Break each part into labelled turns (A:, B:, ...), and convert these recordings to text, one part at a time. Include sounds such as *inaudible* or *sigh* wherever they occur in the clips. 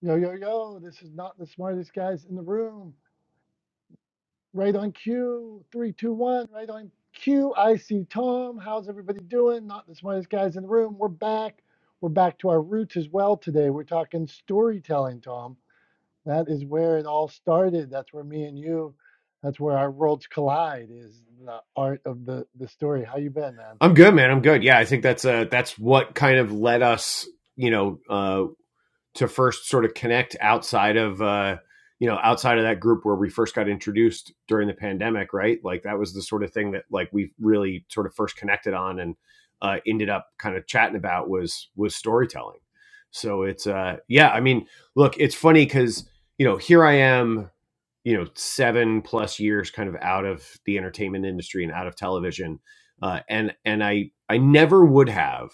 A: Yo, yo, yo, this is not the smartest guys in the room. Right on cue. Three, two, one. Right on cue. I see Tom. How's everybody doing? Not the smartest guys in the room. We're back. We're back to our roots as well today. We're talking storytelling, Tom. That is where it all started. That's where me and you, that's where our worlds collide is the art of the, the story. How you been, man?
B: I'm good, man. I'm good. Yeah, I think that's uh that's what kind of led us, you know, uh to first sort of connect outside of uh, you know outside of that group where we first got introduced during the pandemic, right? Like that was the sort of thing that like we really sort of first connected on and uh, ended up kind of chatting about was was storytelling. So it's uh yeah, I mean, look, it's funny because you know here I am, you know, seven plus years kind of out of the entertainment industry and out of television, uh, and and I I never would have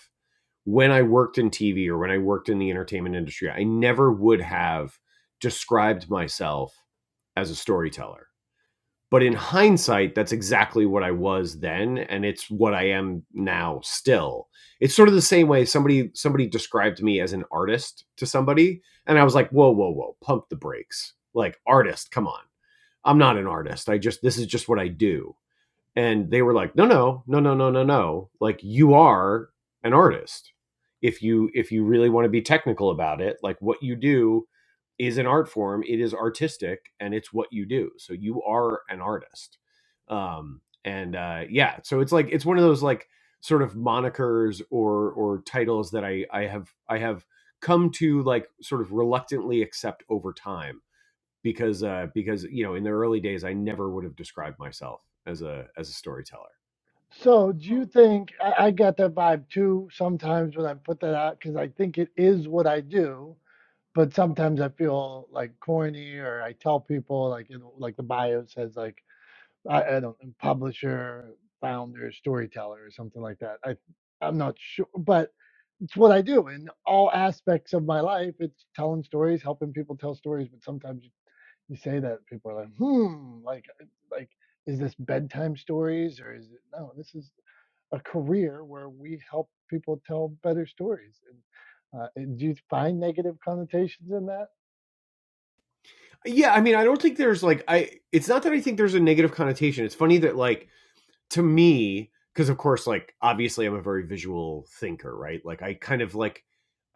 B: when I worked in TV or when I worked in the entertainment industry, I never would have described myself as a storyteller. But in hindsight, that's exactly what I was then, and it's what I am now still. It's sort of the same way somebody somebody described me as an artist to somebody, and I was like, whoa, whoa, whoa, pump the brakes. Like artist, come on. I'm not an artist. I just this is just what I do and they were like, no, no, no, no, no, no, no. Like you are an artist. If you if you really want to be technical about it, like what you do is an art form. It is artistic, and it's what you do. So you are an artist. Um, and uh, yeah, so it's like it's one of those like sort of monikers or or titles that I I have I have come to like sort of reluctantly accept over time because uh, because you know in the early days I never would have described myself as a as a storyteller.
A: So do you think I, I get that vibe too sometimes when I put that out because I think it is what I do but sometimes I feel like corny or I tell people like you know like the bio says like I, I don't know, publisher, founder, storyteller or something like that. I I'm not sure, but it's what I do in all aspects of my life. It's telling stories, helping people tell stories. But sometimes you, you say that people are like, hmm, like uh, like is this bedtime stories or is it no? This is a career where we help people tell better stories. And uh, do you find negative connotations in that?
B: Yeah, I mean I don't think there's like I it's not that I think there's a negative connotation. It's funny that like to me because of course like obviously I'm a very visual thinker, right? Like I kind of like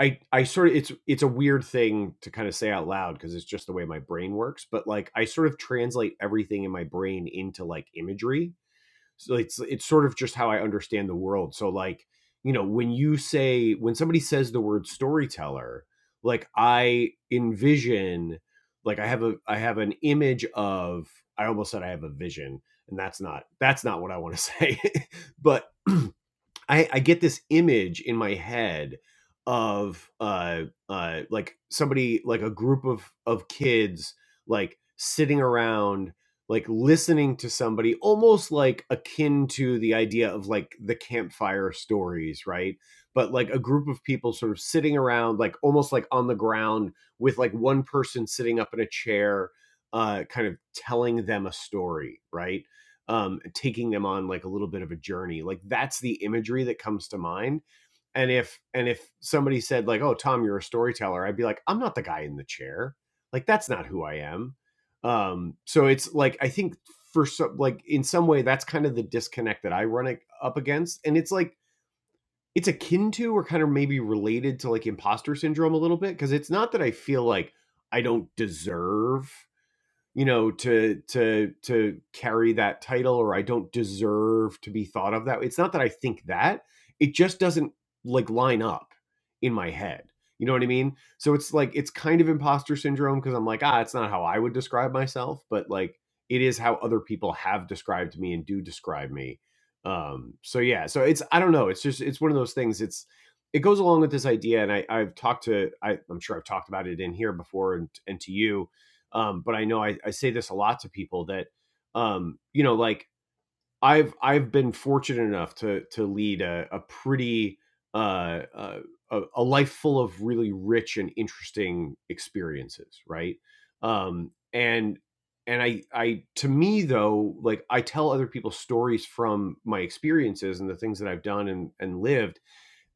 B: I I sort of it's it's a weird thing to kind of say out loud because it's just the way my brain works, but like I sort of translate everything in my brain into like imagery so it's it's sort of just how I understand the world. So like, you know, when you say when somebody says the word storyteller, like I envision like I have a I have an image of I almost said I have a vision and that's not that's not what I want to say. *laughs* but *clears throat* I, I get this image in my head of uh, uh, like somebody like a group of of kids like sitting around like listening to somebody almost like akin to the idea of like the campfire stories right but like a group of people sort of sitting around like almost like on the ground with like one person sitting up in a chair uh kind of telling them a story right um, taking them on like a little bit of a journey. Like that's the imagery that comes to mind. And if and if somebody said like, "Oh, Tom, you're a storyteller," I'd be like, "I'm not the guy in the chair. Like that's not who I am." Um, so it's like I think for some like in some way that's kind of the disconnect that I run up against, and it's like it's akin to or kind of maybe related to like imposter syndrome a little bit because it's not that I feel like I don't deserve you know to to to carry that title or i don't deserve to be thought of that way. it's not that i think that it just doesn't like line up in my head you know what i mean so it's like it's kind of imposter syndrome because i'm like ah it's not how i would describe myself but like it is how other people have described me and do describe me um so yeah so it's i don't know it's just it's one of those things it's it goes along with this idea and I, i've talked to I, i'm sure i've talked about it in here before and, and to you um, but I know I, I say this a lot to people that, um, you know, like I've I've been fortunate enough to to lead a, a pretty uh, uh, a, a life full of really rich and interesting experiences, right? Um, and and I I to me though, like I tell other people stories from my experiences and the things that I've done and and lived,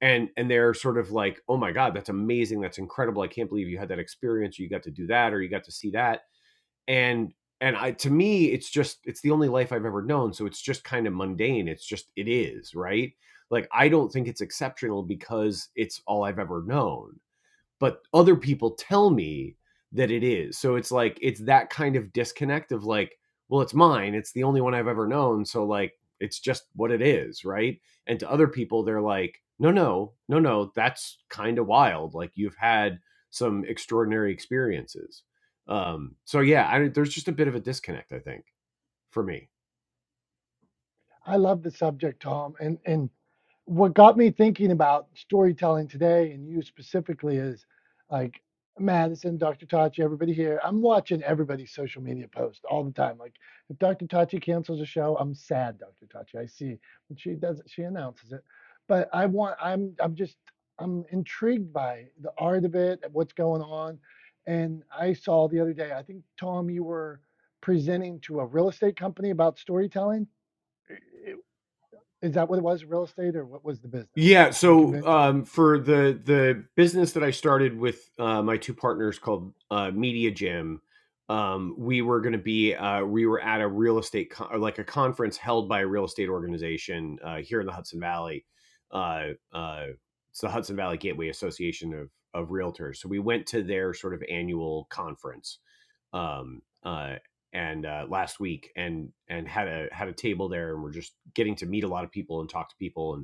B: and and they're sort of like, oh my god, that's amazing, that's incredible, I can't believe you had that experience, or you got to do that, or you got to see that and and I to me it's just it's the only life I've ever known, so it's just kind of mundane. It's just it is, right? Like I don't think it's exceptional because it's all I've ever known but other people tell me that it is. So it's like it's that kind of disconnect of like, well, it's mine. It's the only one I've ever known. So like it's just what it is, right? And to other people, they're like, no, no, no, no, that's kind of wild. Like you've had some extraordinary experiences. Um, so yeah, I, there's just a bit of a disconnect, I think, for me.
A: I love the subject, Tom. And and what got me thinking about storytelling today and you specifically is like Madison, Dr. Tachi, everybody here. I'm watching everybody's social media post all the time. Like if Dr. Tachi cancels a show, I'm sad, Dr. Tachi. I see. when she does it, she announces it. But I want I'm I'm just I'm intrigued by the art of it, what's going on. And I saw the other day, I think Tom, you were presenting to a real estate company about storytelling is that what it was, real estate, or what was the business?
B: Yeah, so
A: Convention.
B: um, for the the business that I started with uh, my two partners called uh, Media Gym, um, we were going to be uh, we were at a real estate con- or like a conference held by a real estate organization uh, here in the Hudson Valley. Uh, uh, it's the Hudson Valley Gateway Association of of Realtors. So we went to their sort of annual conference, um, uh, and uh, last week and and had a had a table there, and we're just getting to meet a lot of people and talk to people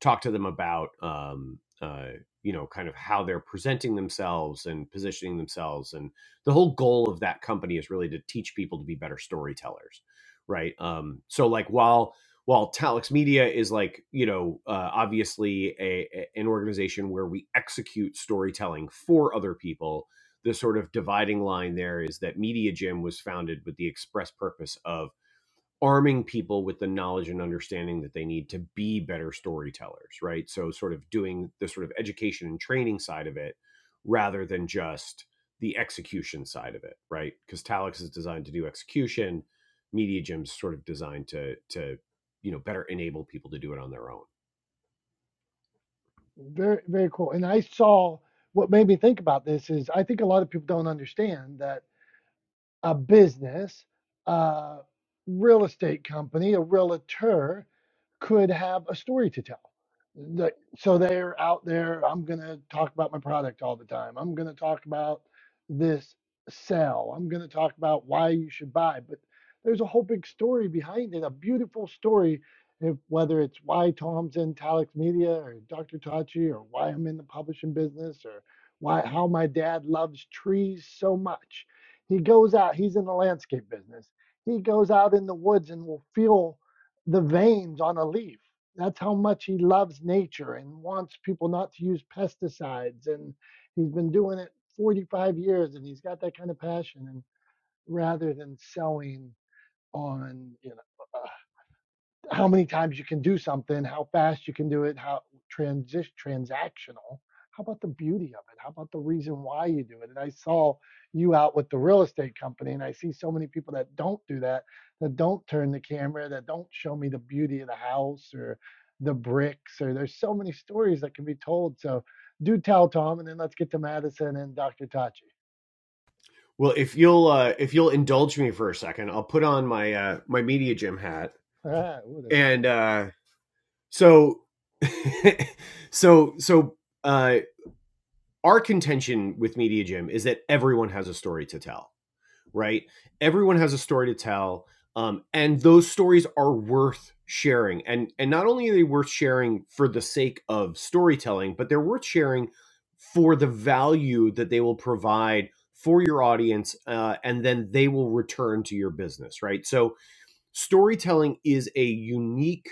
B: talk to them about um, uh, you know kind of how they're presenting themselves and positioning themselves and the whole goal of that company is really to teach people to be better storytellers right um, so like while while Talix Media is like you know uh, obviously a, a- an organization where we execute storytelling for other people the sort of dividing line there is that Media Gym was founded with the express purpose of arming people with the knowledge and understanding that they need to be better storytellers, right? So, sort of doing the sort of education and training side of it rather than just the execution side of it, right? Because Talix is designed to do execution, Media Gem's sort of designed to to you know better enable people to do it on their own
A: Very, very cool. And I saw what made me think about this is I think a lot of people don't understand that a business, a real estate company, a realtor could have a story to tell. Like, so they're out there. I'm going to talk about my product all the time. I'm going to talk about this sell. I'm going to talk about why you should buy. But there's a whole big story behind it, a beautiful story. If, whether it's why Tom's in Talix Media or Dr. Tachi or why I'm in the publishing business or why how my dad loves trees so much. He goes out, he's in the landscape business. He goes out in the woods and will feel the veins on a leaf. That's how much he loves nature and wants people not to use pesticides. And he's been doing it 45 years and he's got that kind of passion. And rather than selling on, you know, how many times you can do something, how fast you can do it, how transi- transactional. How about the beauty of it? How about the reason why you do it? And I saw you out with the real estate company, and I see so many people that don't do that, that don't turn the camera, that don't show me the beauty of the house or the bricks, or there's so many stories that can be told. So do tell Tom, and then let's get to Madison and Dr. Tachi. *laughs*
B: well if you'll uh if you'll indulge me for a second i'll put on my uh my media gym hat
A: Ah, oh, that's
B: and
A: cool.
B: uh so *laughs* so so uh our contention with media gym is that everyone has a story to tell right? Everyone has a story to tell, um, and those stories are worth sharing. And and not only are they worth sharing for the sake of storytelling, but they're worth sharing for the value that they will provide for your audience, uh, and then they will return to your business, right? So storytelling is a unique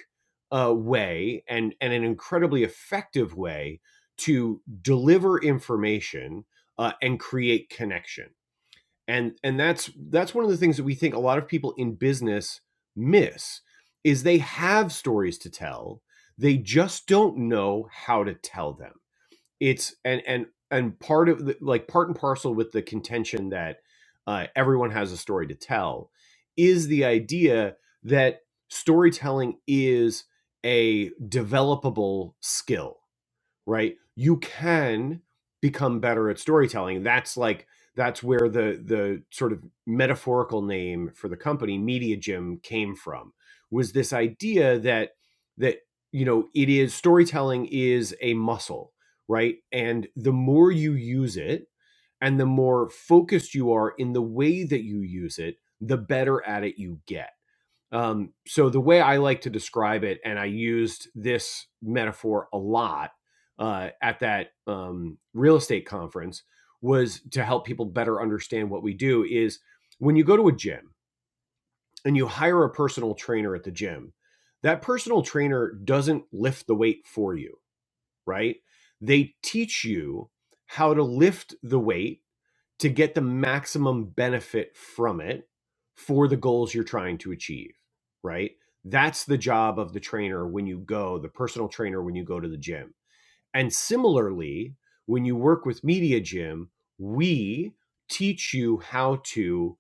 B: uh, way and and an incredibly effective way to deliver information uh, and create connection and and that's that's one of the things that we think a lot of people in business miss is they have stories to tell they just don't know how to tell them it's and and and part of the, like part and parcel with the contention that uh, everyone has a story to tell is the idea that storytelling is a developable skill right you can become better at storytelling that's like that's where the the sort of metaphorical name for the company media gym came from was this idea that that you know it is storytelling is a muscle right and the more you use it and the more focused you are in the way that you use it the better at it you get um, so the way I like to describe it, and I used this metaphor a lot uh, at that um, real estate conference, was to help people better understand what we do. Is when you go to a gym and you hire a personal trainer at the gym, that personal trainer doesn't lift the weight for you, right? They teach you how to lift the weight to get the maximum benefit from it for the goals you're trying to achieve, right? That's the job of the trainer when you go, the personal trainer when you go to the gym and similarly, when you work with Media Gym, we teach you how to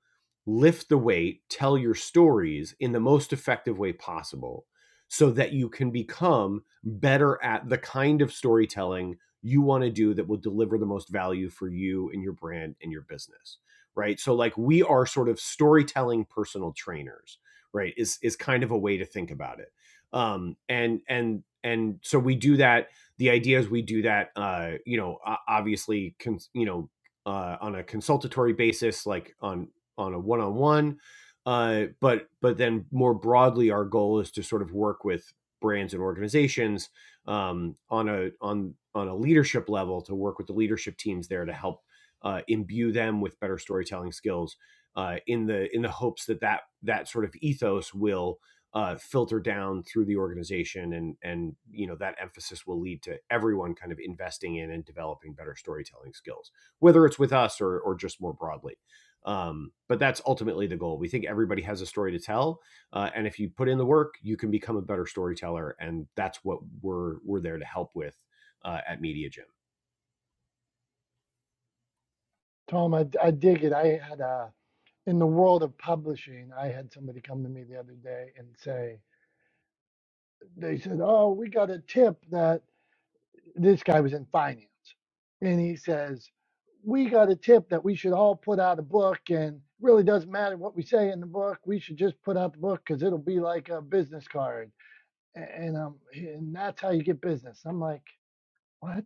B: lift the weight, tell your stories in the most effective way possible so that you can become better at the kind of storytelling you want to do that will deliver the most value for you and your brand and your business right so like we are sort of storytelling personal trainers right is is kind of a way to think about it um and and and so we do that the idea is we do that uh you know obviously con- you know uh on a consultatory basis like on on a one-on-one uh but but then more broadly our goal is to sort of work with brands and organizations um on a on on a leadership level to work with the leadership teams there to help uh, imbue them with better storytelling skills uh, in the in the hopes that that that sort of ethos will uh, filter down through the organization, and and you know that emphasis will lead to everyone kind of investing in and developing better storytelling skills, whether it's with us or or just more broadly. Um, but that's ultimately the goal. We think everybody has a story to tell, uh, and if you put in the work, you can become a better storyteller, and that's what we're we're there to help with uh, at Media
A: Tom, I, I dig it. I had a in the world of publishing, I had somebody come to me the other day and say, they said, Oh, we got a tip that this guy was in finance. And he says, We got a tip that we should all put out a book and it really doesn't matter what we say in the book. We should just put out the book because it'll be like a business card. A- And, um, and that's how you get business. I'm like, What?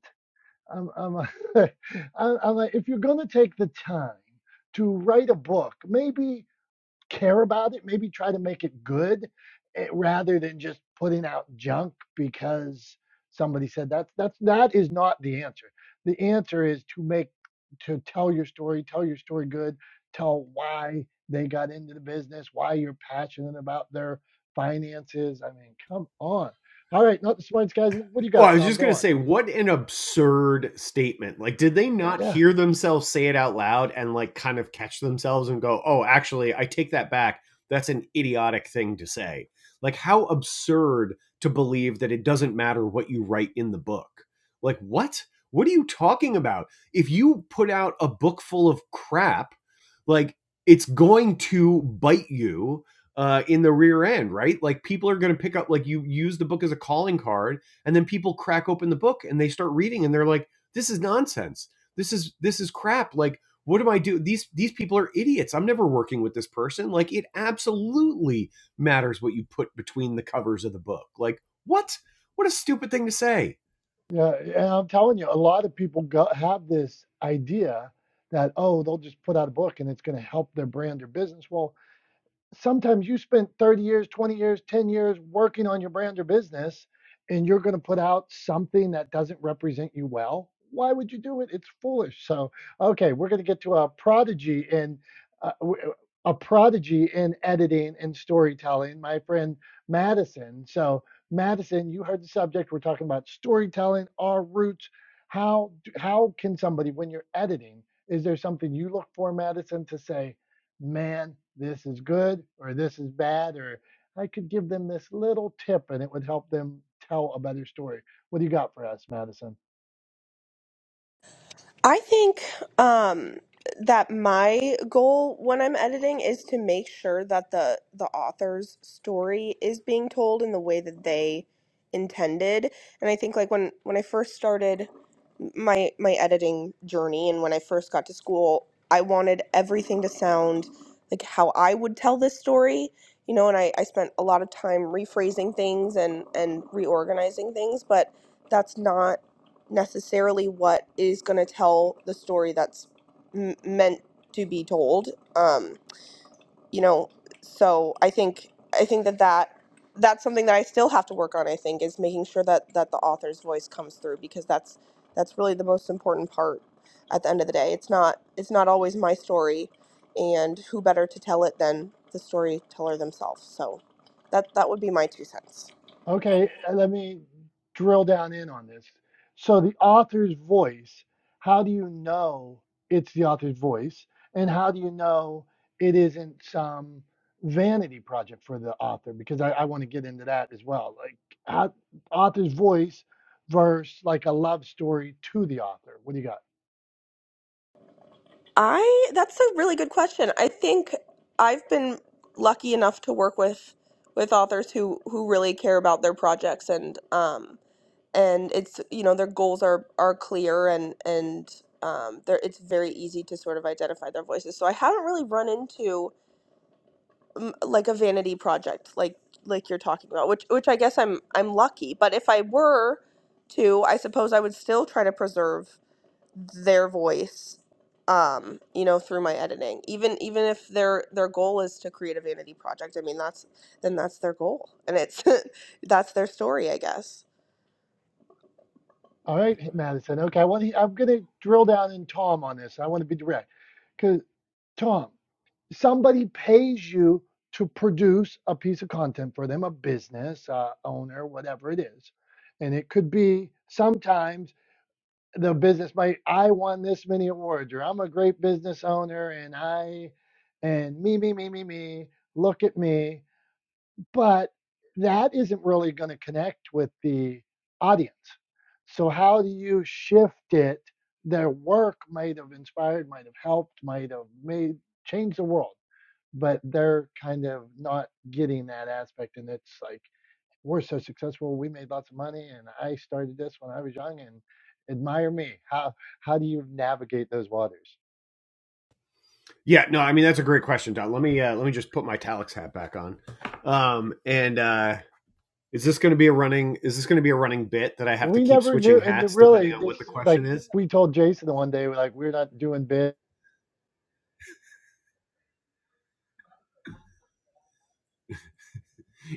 A: I'm, I'm, *laughs* I'm I'm like, if you're going to take the time to write a book, maybe care about it, maybe try to make it good eh, rather than just putting out junk because somebody said that's that's that is not the answer. The answer is to make to tell your story, tell your story good, tell why they got into the business, why you're passionate about their finances. I mean, come on. All right, not the smartest guys. What do you
B: Well, I
A: got,
B: was
A: Tom?
B: just going
A: Go
B: to
A: on.
B: say, what an absurd statement. Like, did they not
A: Yeah.
B: hear themselves say it out loud and, like, kind of catch themselves and go, oh, actually, I take that back. That's an idiotic thing to say. Like, how absurd to believe that it doesn't matter what you write in the book. Like, what? What are you talking about? If you put out a book full of crap, like, it's going to bite you uh, in the rear end, right? Like, people are going to pick up, like, you use the book as a calling card and then people crack open the book and they start reading and they're like this is nonsense this is this is crap like what am i do these these people are idiots i'm never working with this person like it absolutely matters what you put between the covers of the book like what what a stupid thing to say
A: Yeah, and I'm telling you, a lot of people go, have this idea that, oh, they'll just put out a book and it's going to help their brand or business. Well, sometimes you spent 30 years, 20 years, 10 years working on your brand or business and you're going to put out something that doesn't represent you well. Why would you do it? It's foolish. So, okay, we're going to get to a prodigy in uh, w- a prodigy in editing and storytelling, my friend Madison. So, Madison, you heard the subject. We're talking about storytelling, our roots. How how can somebody, when you're editing, is there something you look for, Madison, to say, man, this is good or this is bad, or I could give them this little tip and it would help them tell a better story. What do you got for us, Madison?
C: I think um, that my goal when I'm editing is to make sure that the the author's story is being told in the way that they intended. And I think like when when I first started my my editing journey and when I first got to school, I wanted everything to sound like how I would tell this story, you know, and I, I spent a lot of time rephrasing things and, and reorganizing things, but that's not necessarily what is going to tell the story that's m- meant to be told um you know so i think i think that that that's something that i still have to work on i think is making sure that that the author's voice comes through because that's that's really the most important part at the end of the day it's not it's not always my story and who better to tell it than the storyteller themselves so that that would be my two cents
A: Okay, uh, let me drill down in on this. So, the author's voice, how do you know it's the author's voice? And how do you know it isn't some vanity project for the author? Because I, I want to get into that as well. Like, how, author's voice versus like a love story to the author. What do you got?
C: I that's a really good question. I think I've been lucky enough to work with with authors who who really care about their projects and um and it's you know their goals are are clear and and um they it's very easy to sort of identify their voices. So I haven't really run into um, like a vanity project like like you're talking about, which which I guess I'm I'm lucky. But if I were to, I suppose I would still try to preserve their voice um you know through my editing even even if their their goal is to create a vanity project i mean that's then that's their goal and it's *laughs* that's their story i guess
A: All right, Madison. Okay, I want to, I'm going to drill down in Tom on this. I want to be direct because Tom, somebody pays you to produce a piece of content for them, a business uh, owner, whatever it is, and it could be sometimes the business might I won this many awards or I'm a great business owner and I and me me me me me look at me but that isn't really going to connect with the audience. So how do you shift it? Their work might have inspired, might have helped, might have made change the world, but they're kind of not getting that aspect. And it's like we're so successful, we made lots of money, and I started this when I was young, and admire me. How how do you navigate those waters?
B: yeah no i mean that's a great question don let me uh, let me just put my talix hat back on um and uh is this going to be a running is this going to be a running bit that i have to
A: We
B: keep
A: never
B: switching
A: knew, and
B: hats depending
A: really,
B: on what the
A: this
B: question
A: like
B: is
A: we told Jason the one day, we're like we're not doing big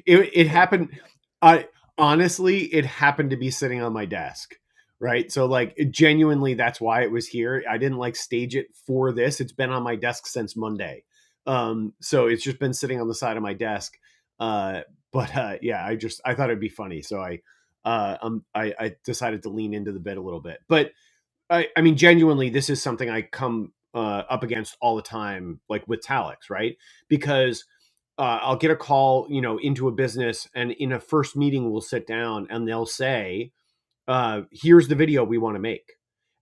B: It, it happened. I honestly, it happened to be sitting on my desk. Right. So, like, genuinely, that's why it was here. I didn't like stage it for this. It's been on my desk since Monday. Um, so it's just been sitting on the side of my desk. Uh, but uh, yeah, I just I thought it'd be funny, so I uh, um, I, I decided to lean into the bit a little bit. But I, I mean, genuinely, this is something I come uh, up against all the time, like with Talix, right? Because uh, I'll get a call, you know, into a business, and in a first meeting, we'll sit down and they'll say, uh, here's the video we want to make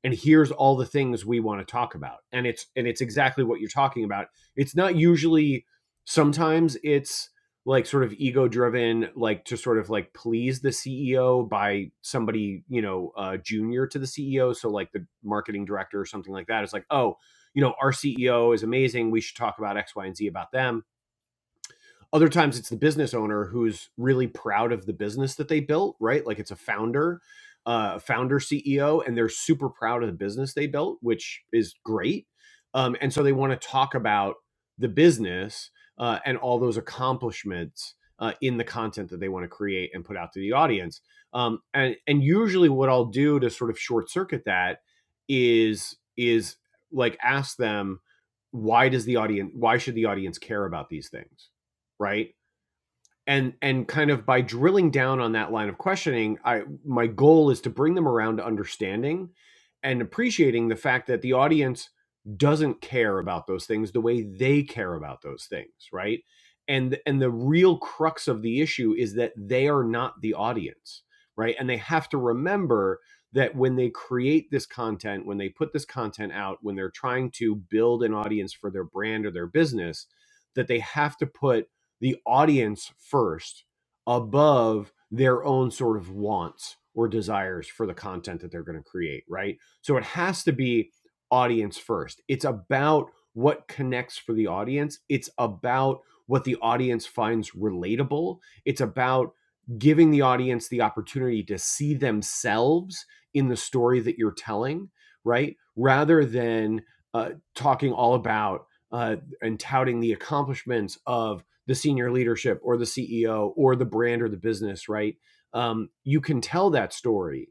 B: and here's all the things we want to talk about and it's and it's exactly what you're talking about it's not usually sometimes it's like sort of ego driven like to sort of like please the ceo by somebody you know uh, junior to the ceo so like the marketing director or something like that it's like oh you know our ceo is amazing we should talk about x y and z about them other times it's the business owner who's really proud of the business that they built right like it's a founder uh, founder ceo and they're super proud of the business they built which is great um, and so they want to talk about the business uh, and all those accomplishments uh, in the content that they want to create and put out to the audience um, and and usually what i'll do to sort of short circuit that is is like ask them why does the audience why should the audience care about these things right and and kind of by drilling down on that line of questioning i my goal is to bring them around to understanding and appreciating the fact that the audience doesn't care about those things the way they care about those things right and and the real crux of the issue is that they are not the audience right and they have to remember that when they create this content when they put this content out when they're trying to build an audience for their brand or their business that they have to put the audience first above their own sort of wants or desires for the content that they're going to create, right? So it has to be audience first. It's about what connects for the audience, it's about what the audience finds relatable, it's about giving the audience the opportunity to see themselves in the story that you're telling, right? Rather than uh, talking all about uh, and touting the accomplishments of the senior leadership or the CEO or the brand or the business, right? Um, you can tell that story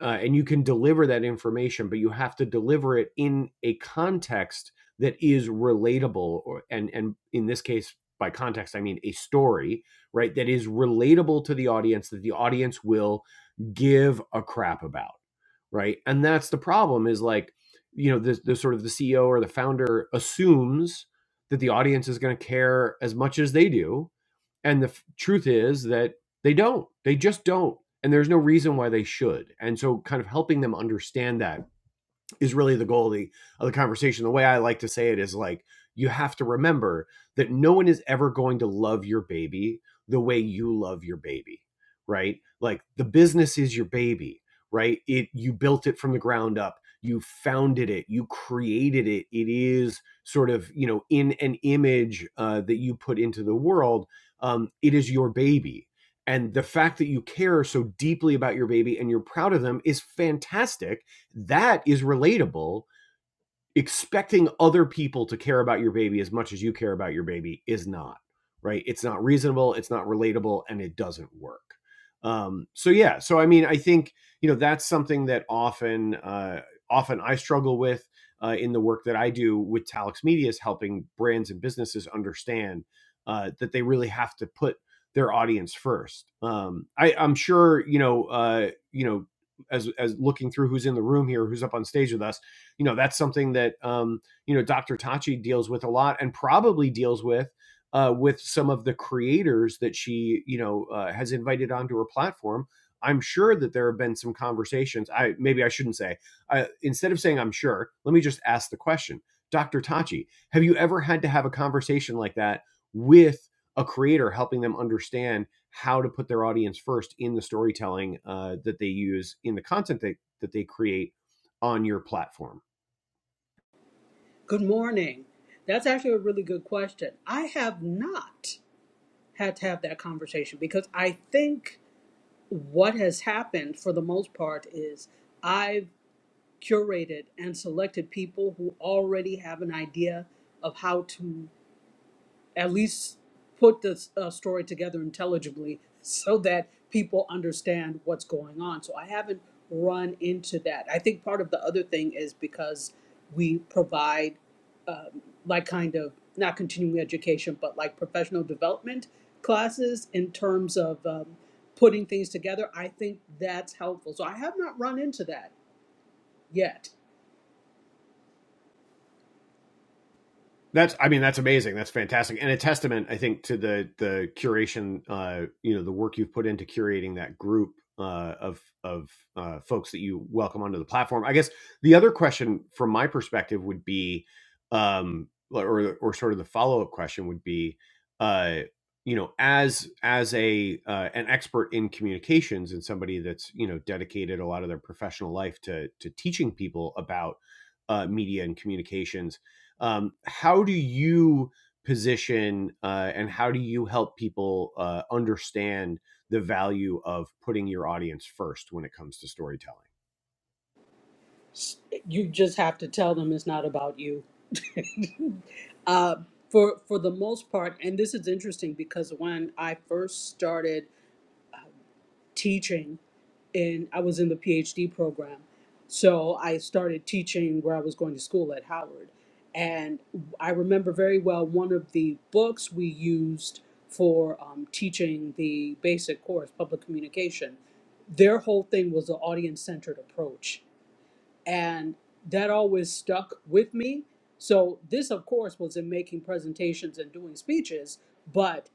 B: uh, and you can deliver that information, but you have to deliver it in a context that is relatable, or, and and in this case, by context, I mean a story, right? That is relatable to the audience that the audience will give a crap about right and that's the problem is like you know the, the sort of the ceo or the founder assumes that the audience is going to care as much as they do and the f- truth is that they don't they just don't and there's no reason why they should and so kind of helping them understand that is really the goal of the, of the conversation. The way I like to say it is like, you have to remember that no one is ever going to love your baby the way you love your baby, right? Like the business is your baby, right? It you built it from the ground up, you founded it, you created it. It is sort of you know in an image uh, that you put into the world. Um, it is your baby, and the fact that you care so deeply about your baby and you're proud of them is fantastic that is relatable expecting other people to care about your baby as much as you care about your baby is not right it's not reasonable it's not relatable and it doesn't work um, so yeah so i mean i think you know that's something that often uh, often i struggle with uh, in the work that i do with talix media is helping brands and businesses understand uh, that they really have to put their audience first um, I, i'm sure you know uh, you know as as looking through who's in the room here who's up on stage with us you know that's something that um, you know Dr. Tachi deals with a lot and probably deals with uh, with some of the creators that she you know uh, has invited onto her platform. I'm sure that there have been some conversations. I maybe I shouldn't say. I, instead of saying I'm sure, let me just ask the question. Dr. Tachi, have you ever had to have a conversation like that with a creator, helping them understand how to put their audience first in the storytelling uh, that they use in the content that, that they create on your platform?
D: Good morning. That's actually a really good question. I have not had to have that conversation because I think what has happened for the most part is I've curated and selected people who already have an idea of how to at least put the uh, story together intelligibly so that people understand what's going on. So I haven't run into that. I think part of the other thing is because we provide um, like kind of not continuing education, but like professional development classes in terms of um, putting things together. I think that's helpful. So I have not run into that yet.
B: That's I mean that's amazing. That's fantastic, and a testament I think to the the curation. Uh, you know the work you've put into curating that group uh, of of uh, folks that you welcome onto the platform. I guess the other question from my perspective would be, um, or or sort of the follow up question would be, uh, you know, as as a uh, an expert in communications and somebody that's you know dedicated a lot of their professional life to to teaching people about uh, media and communications um, how do you position uh, and how do you help people uh, understand the value of putting your audience first when it comes to storytelling?
D: S- You just have to tell them it's not about you Uh, for for the most part, and this is interesting because when I first started teaching, and I was in the PhD program, so I started teaching where I was going to school at Howard, and I remember very well one of the books we used for um, teaching the basic course, public communication. Their whole thing was an audience centered approach and that always stuck with me. So this, of course, was in making presentations and doing speeches, but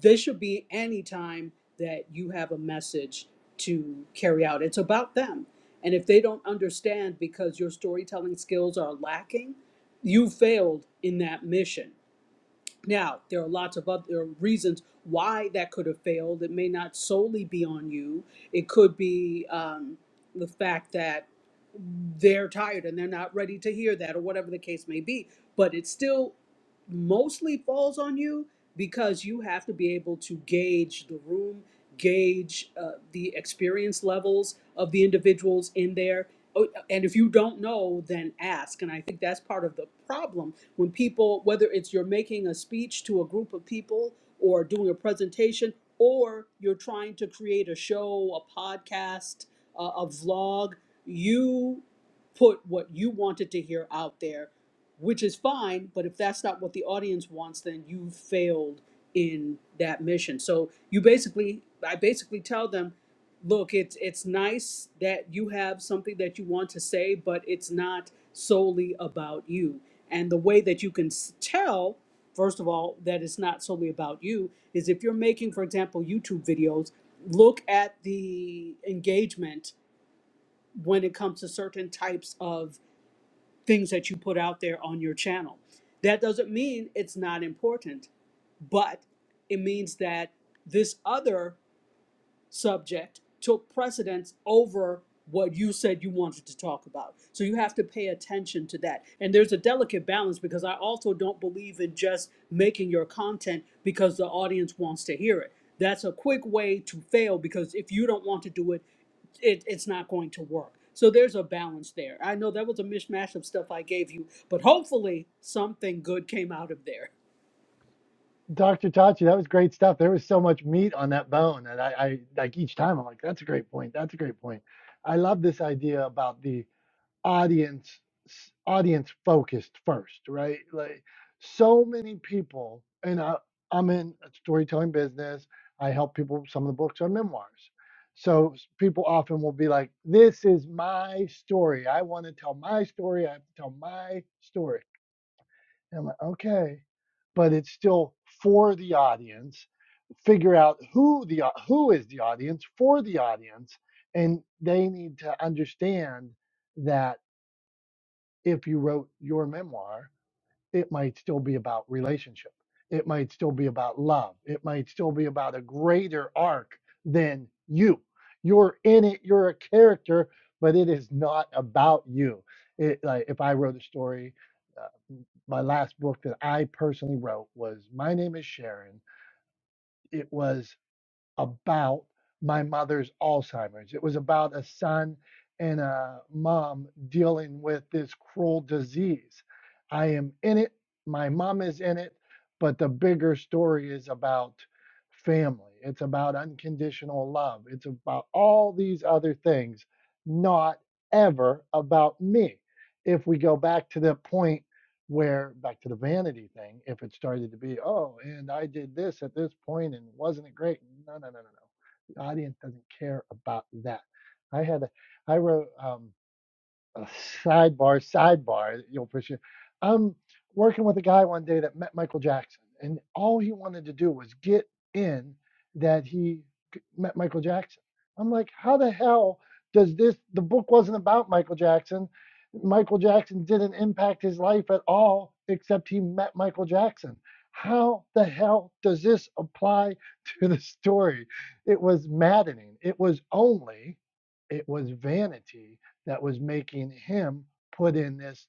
D: this should be any time that you have a message to carry out. It's about them, and if they don't understand because your storytelling skills are lacking, you failed in that mission. Now, there are lots of other reasons why that could have failed. It may not solely be on you. It could be um, the fact that they're tired and they're not ready to hear that, or whatever the case may be. But it still mostly falls on you because you have to be able to gauge the room, gauge uh, the experience levels of the individuals in there. Oh, And if you don't know, then ask. And I think that's part of the problem when people, whether it's you're making a speech to a group of people or doing a presentation, or you're trying to create a show, a podcast, uh, a a vlog, you put what you wanted to hear out there, which is fine. But if that's not what the audience wants, then you failed in that mission. So you basically, I basically tell them, look it's it's nice that you have something that you want to say but it's not solely about you. And the way that you can s- tell, first of all, that it's not solely about you is if you're making, for example, YouTube videos, look at the engagement when it comes to certain types of things that you put out there on your channel. That doesn't mean it's not important, but it means that this other subject took precedence over what you said you wanted to talk about. So you have to pay attention to that. And there's a delicate balance because I also don't believe in just making your content because the audience wants to hear it. That's a quick way to fail because if you don't want to do it, it it's not going to work. So there's a balance there. I know that was a mishmash of stuff I gave you, but hopefully something good came out of there.
A: Dr. Tachi, that was great stuff. There was so much meat on that bone. And I, I like each time I'm like, that's a great point. That's a great point. I love this idea about the audience audience focused first, right? Like so many people and I, I'm in a storytelling business. I help people with some of the books on memoirs. So people often will be like, this is my story. I want to tell my story. I have to tell my story and I'm like, okay, but it's still for the audience. Figure out who the who is the audience for the audience, and they need to understand that if you wrote your memoir it might still be about relationship. It might still be about love. It might still be about a greater arc than you. You're in it, you're a character, but it is not about you. It, like if I wrote a story, uh, my last book that I personally wrote was My Name is Sharon. It was about my mother's Alzheimer's. It was about a son and a mom dealing with this cruel disease. I am in it, my mom is in it, but the bigger story is about family. It's about unconditional love. It's about all these other things, not ever about me. If we go back to the point where back to the vanity thing if it started to be oh and i did this at this point and wasn't it great no no no no no the audience doesn't care about that i had a, i wrote um uh, sidebar, sidebar, you'll appreciate. I'm working with a guy one day that met Michael Jackson, and all he wanted to do was get in that he c- met Michael Jackson. I'm like, how the hell does this? The book wasn't about Michael Jackson. Michael Jackson didn't impact his life at all, except he met Michael Jackson. How the hell does this apply *laughs* to the story? It was maddening. It was only, it was vanity that was making him put in this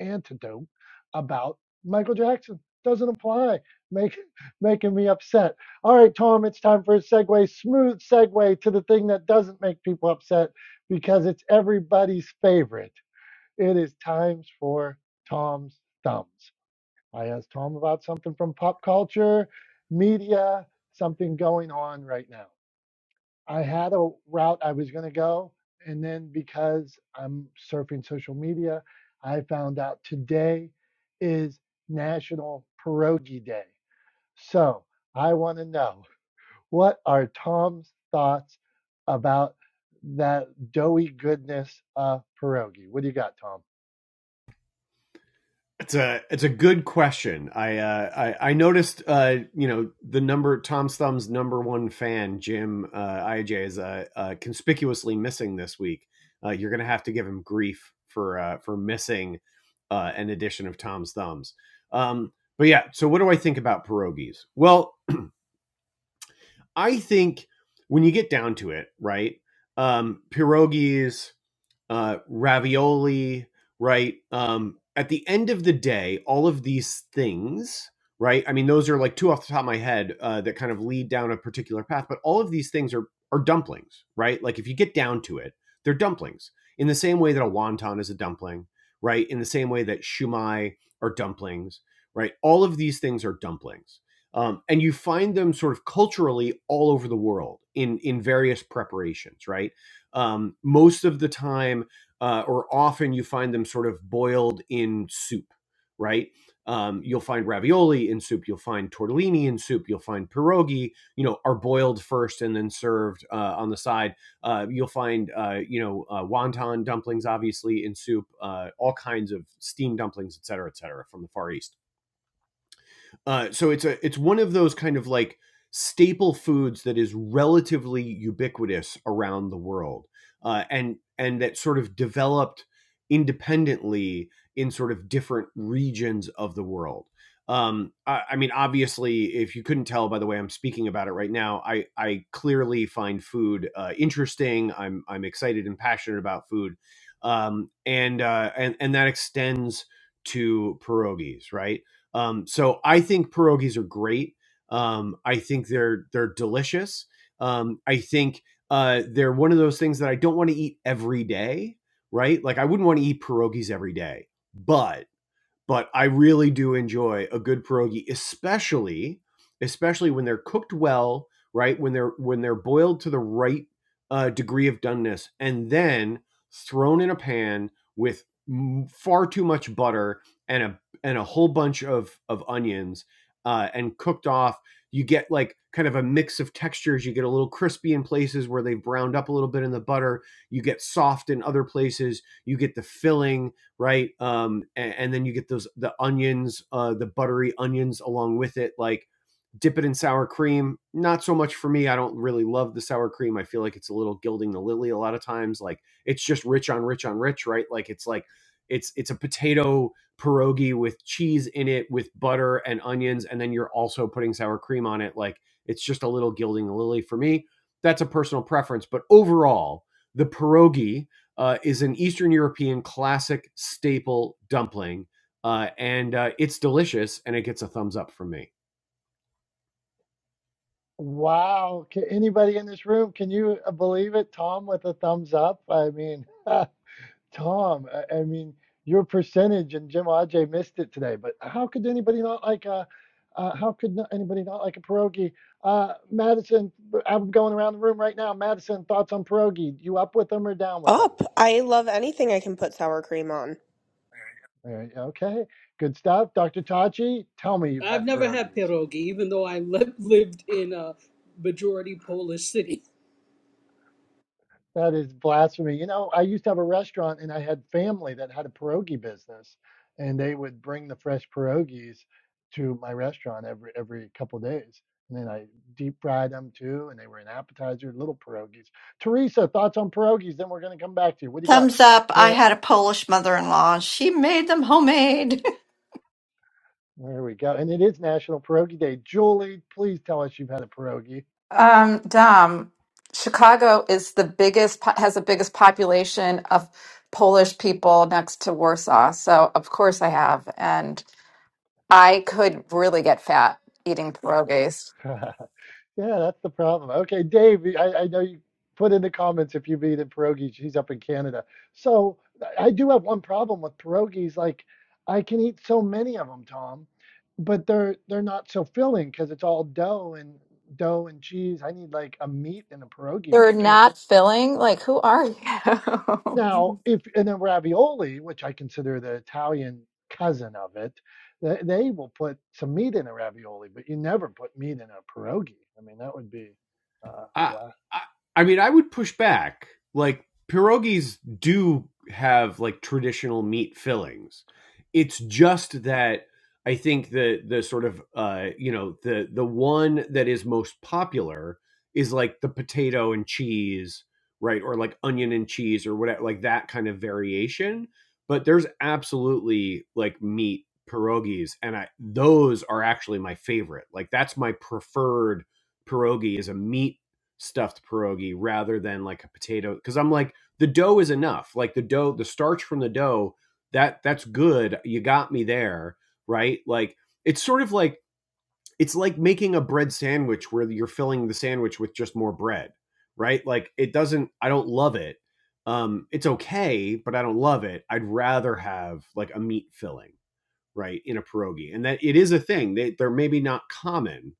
A: antidote about Michael Jackson. Doesn't apply. Make, *laughs* making me upset. All right, Tom, it's time for a segue, smooth segue to the thing that doesn't make people upset because it's everybody's favorite. It is time for Tom's thumbs. I asked Tom about something from pop culture, media, something going on right now. I had a route I was going to go. And then because I'm surfing social media, I found out today is National Pierogi Day. So I want to know what are Tom's thoughts about that doughy goodness of pierogi? What do you got, Tom?
B: It's a it's a good question. I uh, I, I noticed uh, you know the number Tom's Thumb's number one fan Jim uh, IJ is uh, uh, conspicuously missing this week. Uh, you're gonna have to give him grief for uh, for missing uh, an edition of Tom's Thumbs. Um, but yeah, so what do I think about pierogies? Well, I think when you get down to it, right? Um, pierogies, uh, ravioli, right? Um, at the end of the day, all of these things, right? I mean, those are like two off the top of my head uh, that kind of lead down a particular path, but all of these things are are dumplings, right? Like if you get down to it, they're dumplings. In the same way that a wonton is a dumpling, right? In the same way that shumai are dumplings, right? All of these things are dumplings. Um, and you find them sort of culturally all over the world in in various preparations, right? um, most of the time uh, or often you find them sort of boiled in soup, right? Um, you'll find ravioli in soup, you'll find tortellini in soup, you'll find pierogi, you know, are boiled first and then served uh, on the side. Uh, you'll find, uh, you know, uh, wonton dumplings, obviously, in soup, uh, all kinds of steamed dumplings, et cetera, et cetera, from the Far East uh, so it's a it's one of those kind of like staple foods that is relatively ubiquitous around the world, uh, and and that sort of developed independently in sort of different regions of the world. Um, I, I mean, obviously, if you couldn't tell by the way I'm speaking about it right now, I I clearly find food uh, interesting. I'm I'm excited and passionate about food, um, and uh, and and that extends to pierogies, right? Um, so I think pierogies are great. Um, I think they're they're delicious. Um, I think uh, they're one of those things that I don't want to eat every day, right? Like I wouldn't want to eat pierogies every day, but but I really do enjoy a good pierogi, especially especially when they're cooked well, right? When they're when they're boiled to the right uh, degree of doneness, and then thrown in a pan with far too much butter and a and a whole bunch of of onions, uh, and cooked off. You get like kind of a mix of textures. You get a little crispy in places where they've browned up a little bit in the butter. You get soft in other places. You get the filling right? Um, and, and then you get those the onions, uh, the buttery onions along with it. Like dip it in sour cream. Not so much for me. I don't really love the sour cream. I feel like it's a little gilding the lily a lot of times. Like it's just rich on rich on rich, right? Like it's like it's it's a potato pierogi with cheese in it with butter and onions and then you're also putting sour cream on it like it's just a little gilding the lily for me that's a personal preference but overall the pierogi uh, is an Eastern European classic staple dumpling, uh, and uh, it's delicious, and it gets a thumbs up from me.
A: Wow. Can anybody in this room, can you believe it, Tom, with a thumbs up? I mean, *laughs* Tom, I, I mean, your percentage and Jim Ajay missed it today, but how could anybody not like a, uh, how could not, anybody not like a pierogi? Uh, Madison, I'm going around the room right now. Madison, thoughts on pierogi? You up with them or down with them?
C: up i love anything i can put sour cream on
A: All right, okay, good stuff. Dr. Tachi, tell me you've
D: I've
A: had
D: never had
A: pierogies.
D: pierogi, even though I *laughs* li- lived in a majority Polish city.
A: That is blasphemy. You know, I used to have a restaurant and I had family that had a pierogi business and they would bring the fresh pierogies to my restaurant every every couple of days. And then I deep fried them too and they were an appetizer, little pierogies. Teresa, thoughts on pierogies? Then we're going to come back to you. What do you got?
E: Thumbs up. I
A: Piero-
E: had a Polish mother in law. She made them homemade.
A: there we go. And it is National Pierogi Day. Julie, please tell us you've had a pierogi.
F: Um, Dom, Chicago is the biggest, po- has the biggest population of Polish people next to Warsaw. So, of course, I have. And I could really get fat eating pierogies.
A: *laughs* Yeah, that's the problem. Okay, Dave, I, I know you put in the comments if you meet in pierogies, he's up in Canada. So I do have one problem with pierogies. Like I can eat so many of them, Tom, but they're they're not so filling because it's all dough and dough and cheese. I need like a meat in a pierogi, but
F: They're
A: you can't.
F: not filling. Like, who are you? *laughs*
A: Now, if and then ravioli, which I consider the Italian cousin of it, they, they will put some meat in a ravioli, but you never put meat in a pierogi. I mean, that would be uh,
B: I,
A: blasphemy.
B: I I mean, I would push back. Like pierogies do have like traditional meat fillings. It's just that I think the the sort of uh, you know the the one that is most popular is like the potato and cheese, right, or like onion and cheese or whatever, like that kind of variation. But there's absolutely like meat pierogies, and I those are actually my favorite. Like that's my preferred pierogi is a meat stuffed pierogi rather than like a potato because I'm like the dough is enough. Like the dough, the starch from the dough, that that's good. You got me there, right? Like it's sort of like it's like making a bread sandwich where you're filling the sandwich with just more bread, right? Like it doesn't I don't love it. Um it's okay, but I don't love it. I'd rather have like a meat filling, right, in a pierogi. And that it is a thing. They they're maybe not common,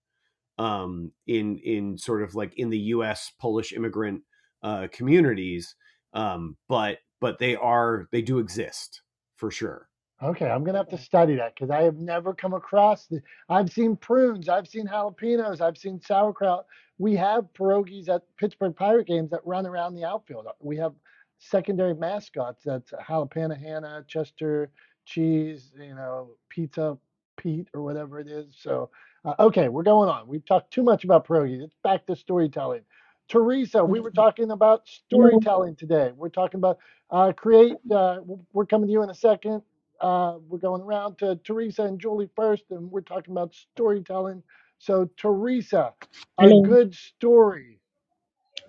B: um, in in sort of like in the U.S. Polish immigrant uh, communities, um, but but they are they do exist for sure.
A: Okay, I'm gonna have to study that because I have never come across the. I've seen prunes, I've seen jalapenos, I've seen sauerkraut. We have pierogies at Pittsburgh Pirate games that run around the outfield. Uh, We have secondary mascots that's jalapeno Hannah, Chester Cheese, you know, Pizza Pete or whatever it is. So, uh, okay, we're going on. We've talked too much about pierogies. It's back to storytelling. Teresa,
G: Okay.
A: we were talking about
G: Hello,
A: storytelling today. We're talking about uh, create. Uh, we're coming to you in a second uh, we're going around to Teresa and Julie first, and we're talking about storytelling. So, Teresa, a
G: hello.
A: good story.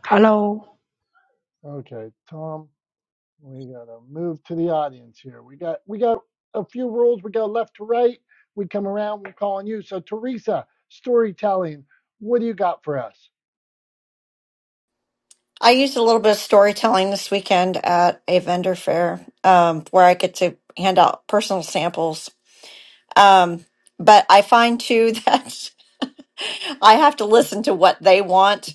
G: Hello.
A: Okay, Tom, we gotta move to the audience here. We got we got a few rules. We go left to right. We come around. We're calling you. So, Teresa, storytelling. What do you got for us,
E: *laughs* I used a little bit of storytelling this weekend at a vendor fair um, where I get to hand out personal samples. Um, but I find too *laughs* that I have to listen to what they want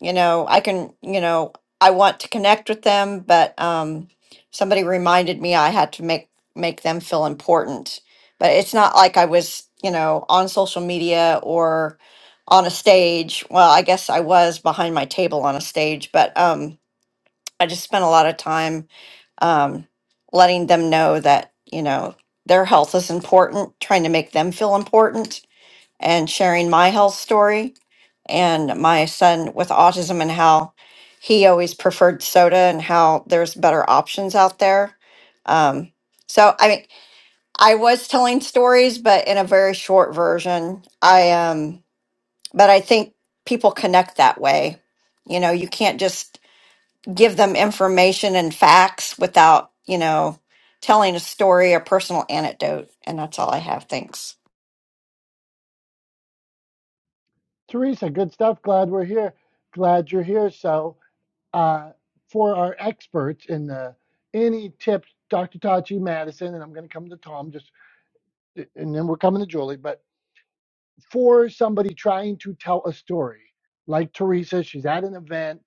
E: you know i can you know i want to connect with them but um somebody reminded me i had to make make them feel important but it's not like i was you know on social media or on a stage well i guess i was behind my table on a stage but um i just spent a lot of time um letting them know that you know their health is important trying to make them feel important and sharing my health story and my son with autism and how he always preferred soda and how there's better options out there. Um, so I mean, I was telling stories, but in a very short version. I um, but I think people connect that way. You know, you can't just give them information and facts without you know telling a story or personal anecdote. And that's all I have. Thanks.
A: Teresa? Good stuff. Glad we're here. Glad you're here. So, uh, for our experts in the any tips, Dr. Tachi Madison, and I'm going to come to Tom just and then we're coming to Julie, but for somebody trying to tell a story, like Teresa, she's at an event,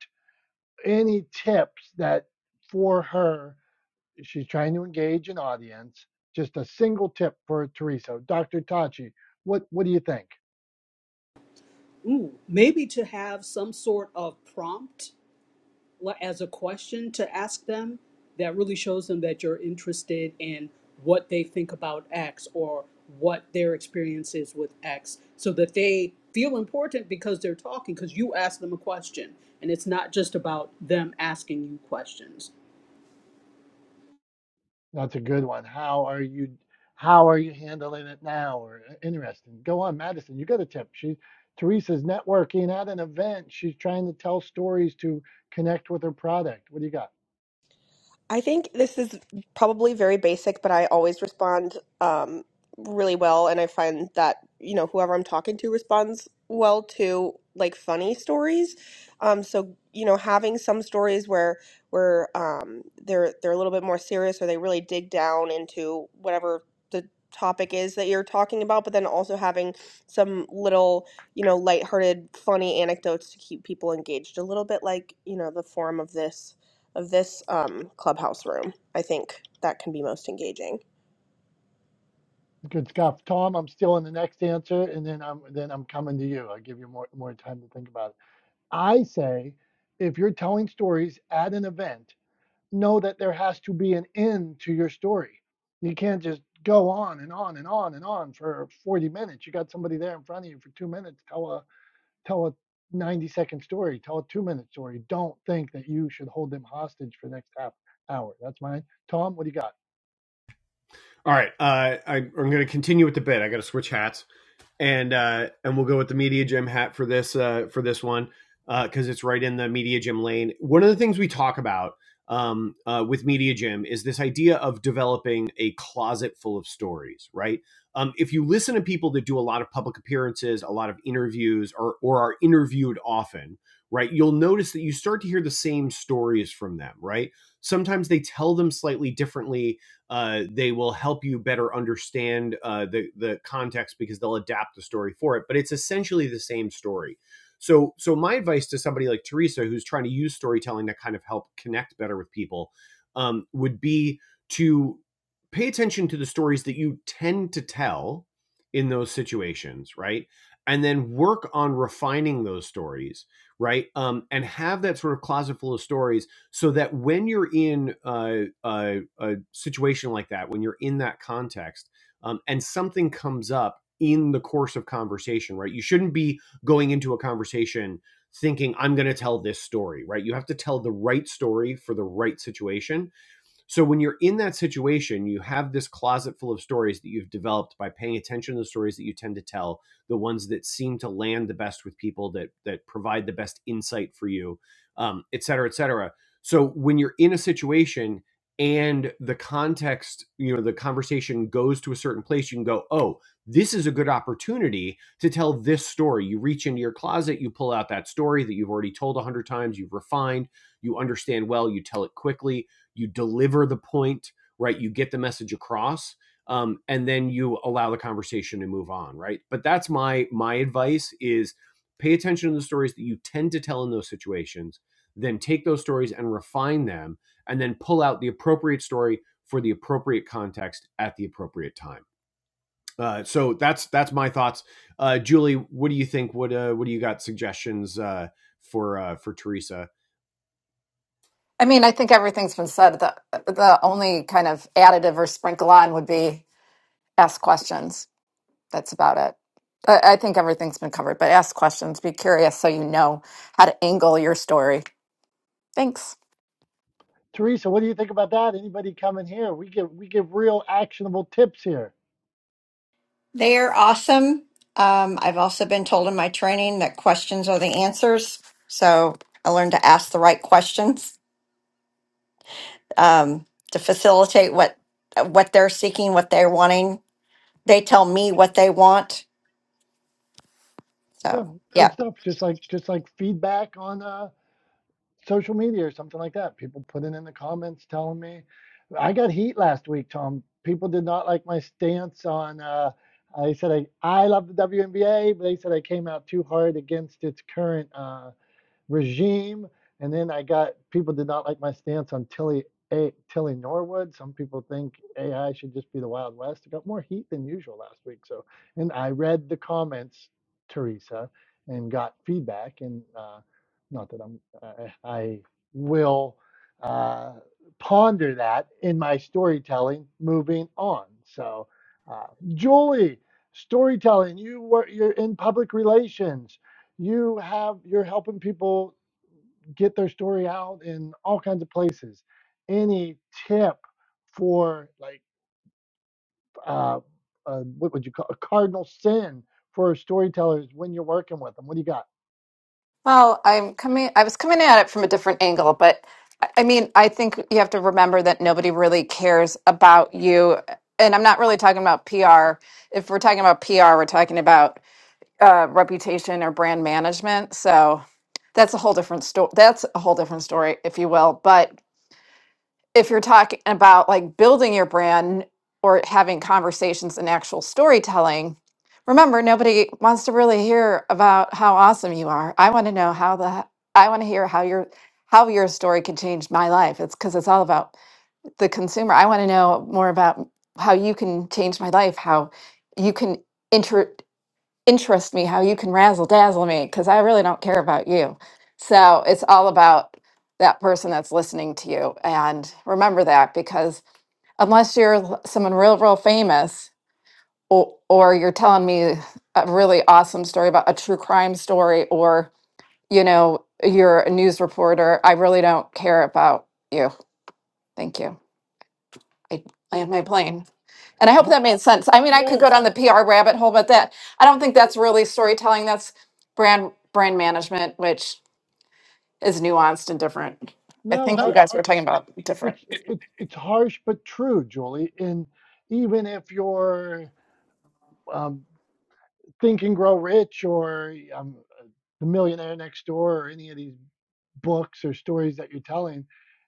A: any tips that for her, she's trying to engage an audience, just a single tip for Teresa. Dr. Tachi, what, what do you think?
D: Ooh, maybe to have some sort of prompt like, as a question to ask them that really shows them that you're interested in what they think about X or what their experience is with X so that they feel important because they're talking because you asked them a question and it's not just about them asking you questions.
A: That's a good one. How are you how are you handling it now? Or "Uh, interesting. Go on, Madison, you got a tip. She Teresa's networking at an event. She's trying to tell stories to connect with her product. What do you got?
C: I think this is probably very basic, but I always respond um, really well, and I find that you know whoever I'm talking to responds well to like funny stories. Um, so you know, having some stories where where um, they're they're a little bit more serious, or they really dig down into whatever the topic is that you're talking about, but then also having some little you know lighthearted, funny anecdotes to keep people engaged, a little bit like you know the form of this of this um, clubhouse room. I think that can be most engaging.
A: Good stuff, Tom. I'm still in the next answer, and then I'm then I'm coming to you. I'll give you more more time to think about it. I say, if you're telling stories at an event, know that there has to be an end to your story. You can't just go on and on and on and on for 40 minutes. You got somebody there in front of you for two minutes. Tell a tell a 90 second story. Tell a two minute story. Don't think that you should hold them hostage for the next half hour. That's mine. Tom, what do you got?
B: All right, uh, I, I'm going to continue with the bit. I got to switch hats. and uh, and we'll go with the media gym hat for this uh, for this one because uh, it's right in the media gym lane. One of the things we talk about um, uh, with media gym is this idea of developing a closet full of stories, right? Um, if you listen to people that do a lot of public appearances, a lot of interviews, or or are interviewed often, right? You'll notice that you start to hear the same stories from them, right? Sometimes they tell them slightly differently uh, they will help you better understand uh, the the context because they'll adapt the story for it. But it's essentially the same story. So so my advice to somebody like Teresa who's trying to use storytelling to kind of help connect better with people um, would be to pay attention to the stories that you tend to tell in those situations, right? And then work on refining those stories, right? Um, and have that sort of closet full of stories so that when you're in uh, a, a situation like that, when you're in that context, um, and something comes up in the course of conversation, right? You shouldn't be going into a conversation thinking I'm going to tell this story, right? You have to tell the right story for the right situation so when you're in that situation, you have this closet full of stories that you've developed by paying attention to the stories that you tend to tell, the ones that seem to land the best with people, that that provide the best insight for you, um, et cetera, et cetera. So when you're in a situation and the context, you know, the conversation goes to a certain place, you can go, oh, this is a good opportunity to tell this story. You reach into your closet, you pull out that story that you've already told a hundred times, you've refined, you understand well, you tell it quickly you deliver the point right you get the message across um, and then you allow the conversation to move on right but that's my my advice is pay attention to the stories that you tend to tell in those situations then take those stories and refine them and then pull out the appropriate story for the appropriate context at the appropriate time uh, so that's that's my thoughts uh, julie what do you think what uh, what do you got suggestions uh, for uh, for teresa
F: I mean, I think everything's been said. The, the only kind of additive or sprinkle on would be ask questions. That's about it. I, I think everything's been covered, but ask questions, be curious so you know how to angle your story. Thanks.
A: Teresa, what do you think about that? Anybody coming here? We give we give real actionable tips here.
E: They are awesome. Um, I've also been told in my training that questions are the answers. So I learned to ask the right questions um, to facilitate what what they're seeking, what they're wanting. They tell me what they want.
A: Yeah,
E: So yeah,
A: good stuff. Just like just like feedback on uh, social media or something like that. People putting in the comments telling me I got heat last week, Tom. People did not like my stance on. Uh, I said I, I love the WNBA, but they said I came out too hard against its current. uh, regime. And then I got people did not like my stance on Tilly a, Tilly Norwood. Some people think AI should just be the Wild West. I got more heat than usual last week. So, and I read the comments, Teresa, and got feedback. And uh, not that I'm, I, I will uh, ponder that in my storytelling moving on. So, uh, Julie, storytelling. You were you're in public relations you have you're helping people get their story out in all kinds of places any tip for like uh, uh what would you call a cardinal sin for storytellers when you're working with them what do you got
F: Well, I'm coming, I was coming at it from a different angle, but I I mean, I think you have to remember that nobody really cares about you. And I'm not really talking about PR. If we're talking about PR, we're talking about uh, reputation or brand management. So that's a whole different story. That's a whole different story, if you will. But if you're talking about like building your brand or having conversations and actual storytelling, remember nobody wants to really hear about how awesome you are. I want to know how the I want to hear how your how your story can change my life. It's because it's all about the consumer. I want to know more about how you can change my life, how you can inter interest me how you can razzle dazzle me because I really don't care about you. So it's all about that person that's listening to you. And remember that because unless you're l- someone real, real famous or, or you're telling me a really awesome story about a true crime story or, you know, you're a news reporter, I really don't care about you. Thank you. I land my plane. And I hope
A: Har-
F: that made sense. I mean, I
A: yeah
F: could go
A: no
F: down the PR rabbit hole, but that I don't think that's really storytelling. That's brand brand management, which is nuanced and different. I
A: no,
F: think No, you No,
A: har
F: guys were talking about different.
A: it's it's it's harsh but true julie and even if you're um Think and Grow Rich or um, The Millionaire Next Door or any of these books or stories that you're telling,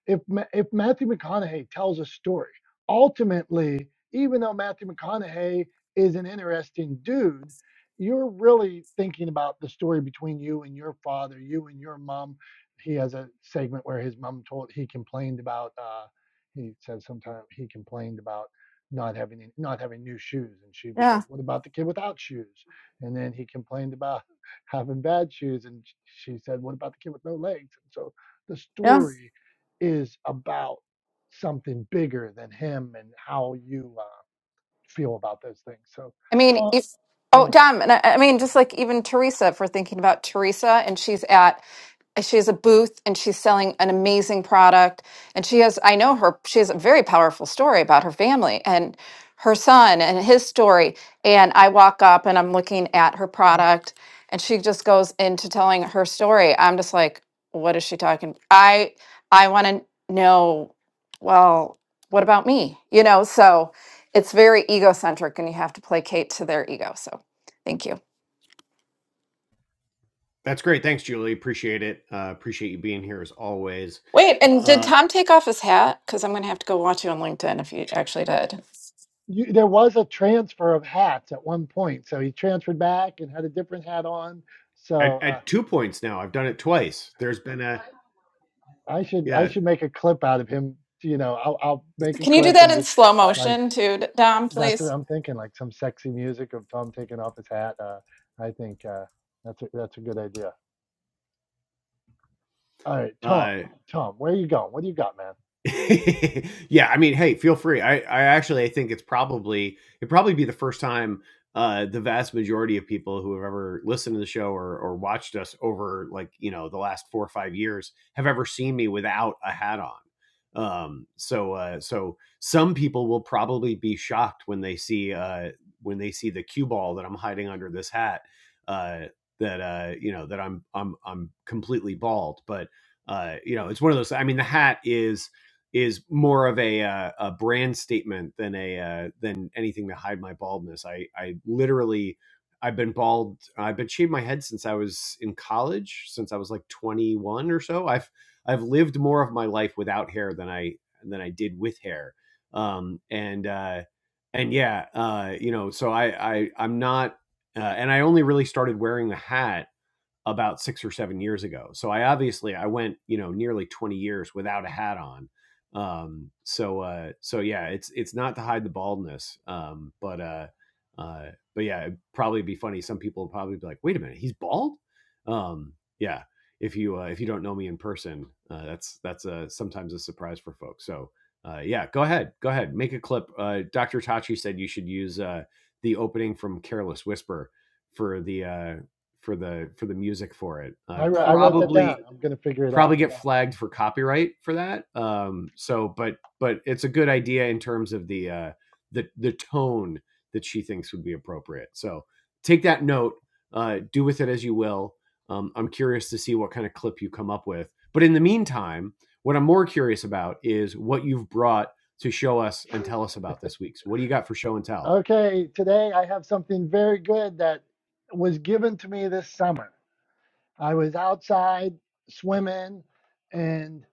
A: if if Matthew McConaughey tells a story, ultimately, even though Matthew McConaughey is an interesting dude, you're really thinking about the story between you and your father, you and your mom. He has a segment where his mom told he complained about. Uh, he says sometimes he complained about not having not having new shoes, and she was
F: Yeah,
A: like, "What about the kid without shoes?" And then he complained about *laughs* having bad shoes. And she said, What about the kid with no legs? And so the
F: yeah.
A: story is about something bigger than him and how you uh, feel about those things. So,
F: I mean,
A: Tom,
F: if,
A: go
F: oh,
A: on.
F: Dom, and I, I mean, just like even Teresa, if we're thinking about Teresa, and she's at she has a booth and she's selling an amazing product and she has i know her she has a very powerful story about her family and her son and his story and i walk up and i'm looking at her product and she just goes into telling her story i'm just like what is she talking i i want to know well what about me you know so it's very egocentric and you have to placate to their ego so thank you
B: That's great. Thanks, Julie. Appreciate it. Uh, appreciate you being here as always.
F: Wait, and did
B: Uh,
F: Tom take off his hat? Because I'm going to have to go watch you on LinkedIn if you actually did.
A: You, there was a transfer of hats at one point. So he transferred back and had a different hat on.
B: at,
A: So uh,
B: at two points now, I've done it twice. There's been a
A: I should I
B: yeah.
A: should make a clip out of him. You know, I'll, I'll make a
F: Can you do
A: clip and
F: that in
A: just
F: slow
A: like
F: motion too, D- Dom,
A: That's
F: please?
A: what I'm thinking, like some sexy music of Tom taking off his hat. Uh, I think uh, that's a, that's a good idea. All right, Tom,
B: Uh,
A: Tom, where are you going? What do you got, man?
B: *laughs* yeah, I mean, hey, feel free. I, I actually I think it's probably it'd probably be the first time uh the vast majority of people who have ever listened to the show or or watched us over like, you know, the last four or five years have ever seen me without a hat on. Um so uh so some people will probably be shocked when they see uh when they see the cue ball that I'm hiding under this hat. Uh that uh you know that I'm I'm I'm completely bald. But uh you know it's one of those I mean the hat is is more of a uh, a brand statement than a uh, than anything to hide my baldness. I I literally I've been bald. I've been shaving my head since I was in college, since I was like 21 or so. I've I've lived more of my life without hair than I than I did with hair. Um and uh and yeah, uh you know, so I I I'm not uh, and I only really started wearing a hat about six or seven years ago. So I obviously I went you know nearly twenty years without a hat on. Um, so uh, so yeah, it's it's not to hide the baldness, um, but uh, uh, but yeah, it'd probably be funny. Some people would probably be like, wait a minute, he's bald. Um, yeah, if you uh, if you don't know me in person, uh, that's that's uh, sometimes a surprise for folks. So. Uh, yeah, go ahead, go ahead, make a clip. Uh, Dr. Tachi said you should use uh, the opening from Careless Whisper for the uh, for the for the music for it. Uh,
A: I, wr- I wrote that
B: probably
A: down. I'm gonna figure it out.
B: probably get flagged for copyright for that. Um, so, but but it's a good idea in terms of the uh, the the tone that she thinks would be appropriate. So take that note, uh, do with it as you will. Um, I'm curious to see what kind of clip you come up with. But in the meantime, what I'm more curious about is what you've brought to show us and tell us about this week. So what do you got for show and tell?
A: Okay, today I have something very good that was given to me this summer. I was outside swimming, and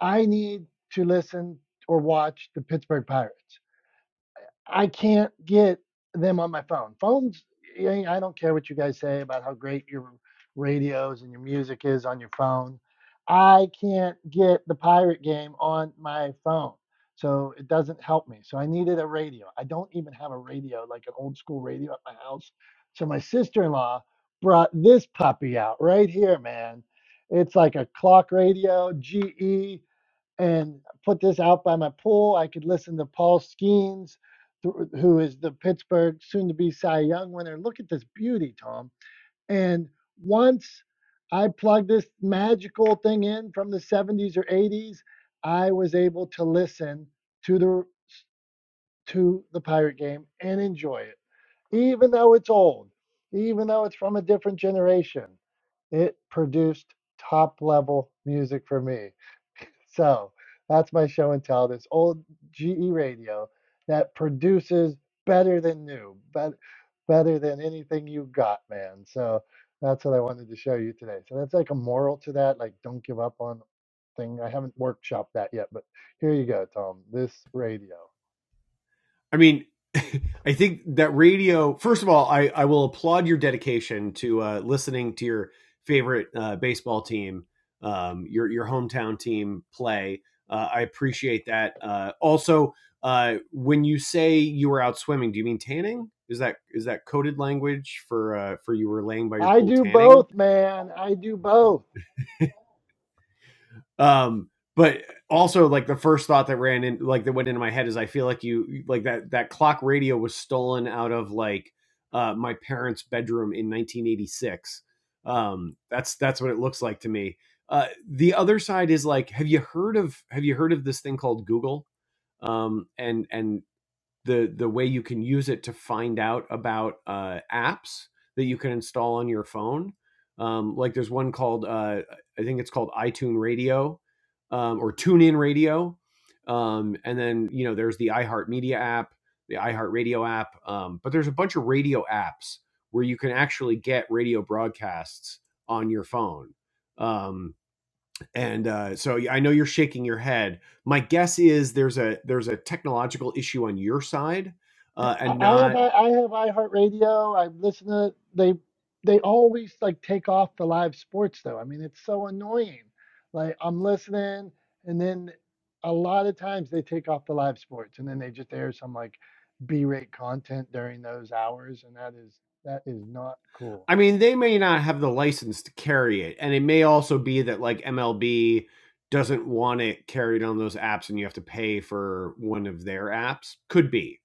A: I need to listen or watch the Pittsburgh Pirates. I can't get them on my phone. Phones, eh, I don't care what you guys say about how great your radios and your music is on your phone. I can't get the pirate game on my phone. So it doesn't help me. So I needed a radio. I don't even have a radio, like an old school radio at my house. So my sister in law brought this puppy out right here, man. It's like a clock radio, GE and put this out by my pool. I could listen to Paul Skeens, who is the Pittsburgh soon-to-be Cy Young winner. Look at this beauty, Tom. And once I plugged this magical thing in from the 70s or 80s, I was able to listen to the to the pirate game and enjoy it, even though it's old, even though it's from a different generation. It produced top level music for me. So that's my show and tell. This old GE radio that produces better than new, better better than anything you got, man. So that's what I wanted to show you today. So that's like a moral to that, like don't give up on thing. I haven't workshopped that yet, but here you go, Tom. This radio.
B: I mean, *laughs* I think that radio. First of all, I I will applaud your dedication to uh, listening to your favorite uh, baseball team, um, your your hometown team play. Uh, I appreciate that. Uh, also, uh, when you say you were out swimming, do you mean tanning? Is that is that coded language for uh, for you were laying by your
A: I
B: pool
A: do
B: tanning?
A: both, man. I do both.
B: Um, but also like the first thought that ran in like that went into my head is I feel like you like that that clock radio was stolen out of like uh my parents' bedroom in 1986. Um that's that's what it looks like to me. Uh the other side is like have you heard of have you heard of this thing called Google? Um and and the the way you can use it to find out about uh, apps that you can install on your phone. Um, like there's one called uh, I think it's called iTunes Radio um, or TuneIn Radio, um, and then you know there's the iHeartMedia app, the iHeartRadio app, um, but there's a bunch of radio apps where you can actually get radio broadcasts on your phone. Um, and uh, so yeah, I know you're shaking your head. My guess is there's a there's a technological issue on your side,
A: I
B: uh, and
A: I have
B: not
A: I I have iHeartRadio. I listen to they they always like take off the live sports though. I mean, it's so annoying. Like I'm listening and then a lot of times they take off the live sports and then they just air some like B-rate content during those hours and that is that is not cool.
B: I mean, they may not have the license to carry it, and it may also be that like MLB doesn't want it carried on those apps, and you have to pay for one of their apps. Could be,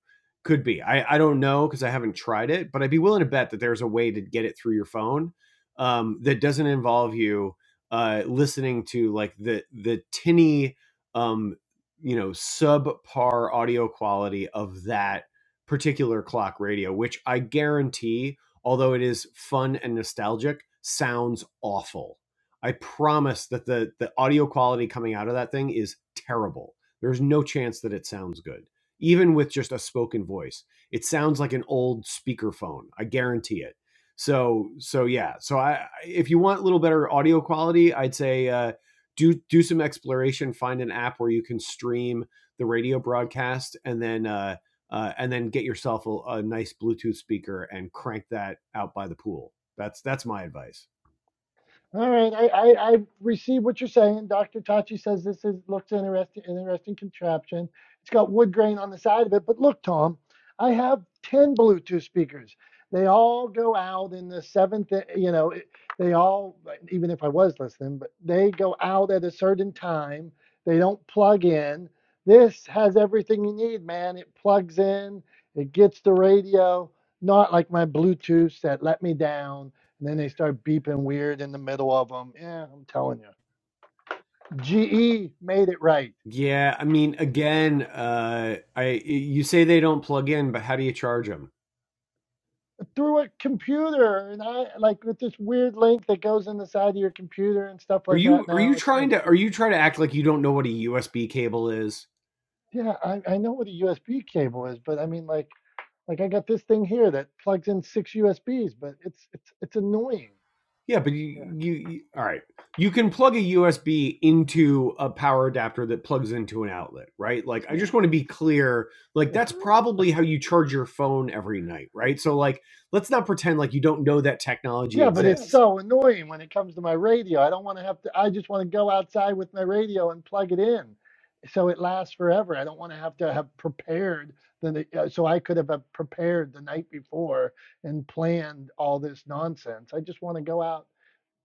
B: could be. I I don't know because I haven't tried it, but I'd be willing to bet that there's a way to get it through your phone um, that doesn't involve you uh, listening to like the the tinny, um, you know, subpar audio quality of that particular clock radio, which I guarantee although it is fun and nostalgic, sounds awful. I promise that the the audio quality coming out of that thing is terrible. There's no chance that it sounds good, even with just a spoken voice. It sounds like an old speakerphone. I guarantee it. So so yeah. So I if you want a little better audio quality, I'd say uh, do do some exploration. Find an app where you can stream the radio broadcast, and then. Uh, uh, and then get yourself a, a nice Bluetooth speaker and crank that out by the pool. That's that's my advice.
A: All right, I, I, I receive what you're saying. Dr. Tachi says this is looks interesting, an interesting contraption. It's got wood grain on the side of it, but look, Tom, I have ten Bluetooth speakers. They all go out in the seventh, eh, you know, it- they all, even if I was listening, but they go out at a certain time. They don't plug in. This has everything you need, man. It plugs in, it gets the radio, not like my Bluetooths that let me down and then they start beeping weird in the middle of them. Yeah, I'm telling you. GE made it right
B: Yeah, I mean, again, uh, I you say they don't plug in, but how do you charge them?
A: through a computer, and I like with this weird link that goes in the side of your computer and stuff
B: Are
A: like
B: you
A: that.
B: are you
A: Now it's
B: trying
A: no,
B: to
A: it,
B: are you trying to act like you don't know what a USB cable is?
A: yeah, I, I know what a USB cable is, but I mean like like I got this thing here that plugs in six USBs, but it's it's it's annoying.
B: Yeah, but you, you, you all right. You can plug a USB into a power adapter that plugs into an outlet, right? Like I
A: Yeah.
B: just want to be clear, like that's
A: yeah.
B: probably how you charge your phone every night, right? So like let's not pretend like you don't know that technology
A: Yeah, but it's
B: exists.
A: so annoying when it comes to my radio. I don't want to have to, I just want to go outside with my radio and plug it in so it lasts forever. I don't want to have to have prepared the, night- uh, so I could have uh, prepared the night before and planned all this nonsense. I just want to go out,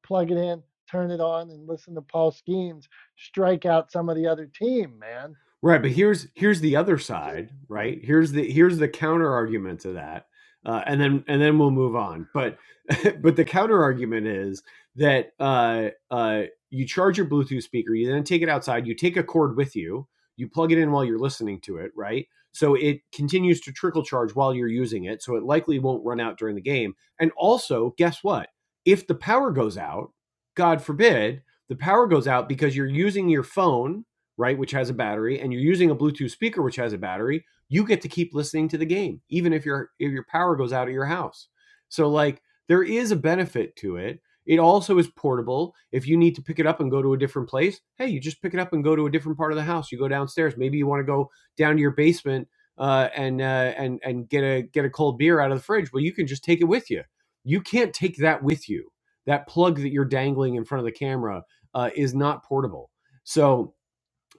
A: plug it in, turn it on, and listen to Paul Skeens strike out some of the other team, man.
B: Right, but here's here's the other side, right? Here's the here's the counter argument to that, uh, and then and then we'll move on. But *laughs* but the counter argument is that uh, uh, you charge your Bluetooth speaker, you then take it outside, you take a cord with you, you plug it in while you're listening to it, right? So it continues to trickle charge while you're using it, so it likely won't run out during the game. And also, guess what? If the power goes out, God forbid, the power goes out because you're using your phone right, which has a battery, and you're using a Bluetooth speaker which has a battery, you get to keep listening to the game even if your if your power goes out at your house. So like there is a benefit to it. It also is portable. If you need to pick it up and go to a different place, hey, you just pick it up and go to a different part of the house. You go downstairs. Maybe you want to go down to your basement uh, and uh, and and get a get a cold beer out of the fridge. Well, you can just take it with you. You can't take that with you. That plug that you're dangling in front of the camera uh, is not portable. So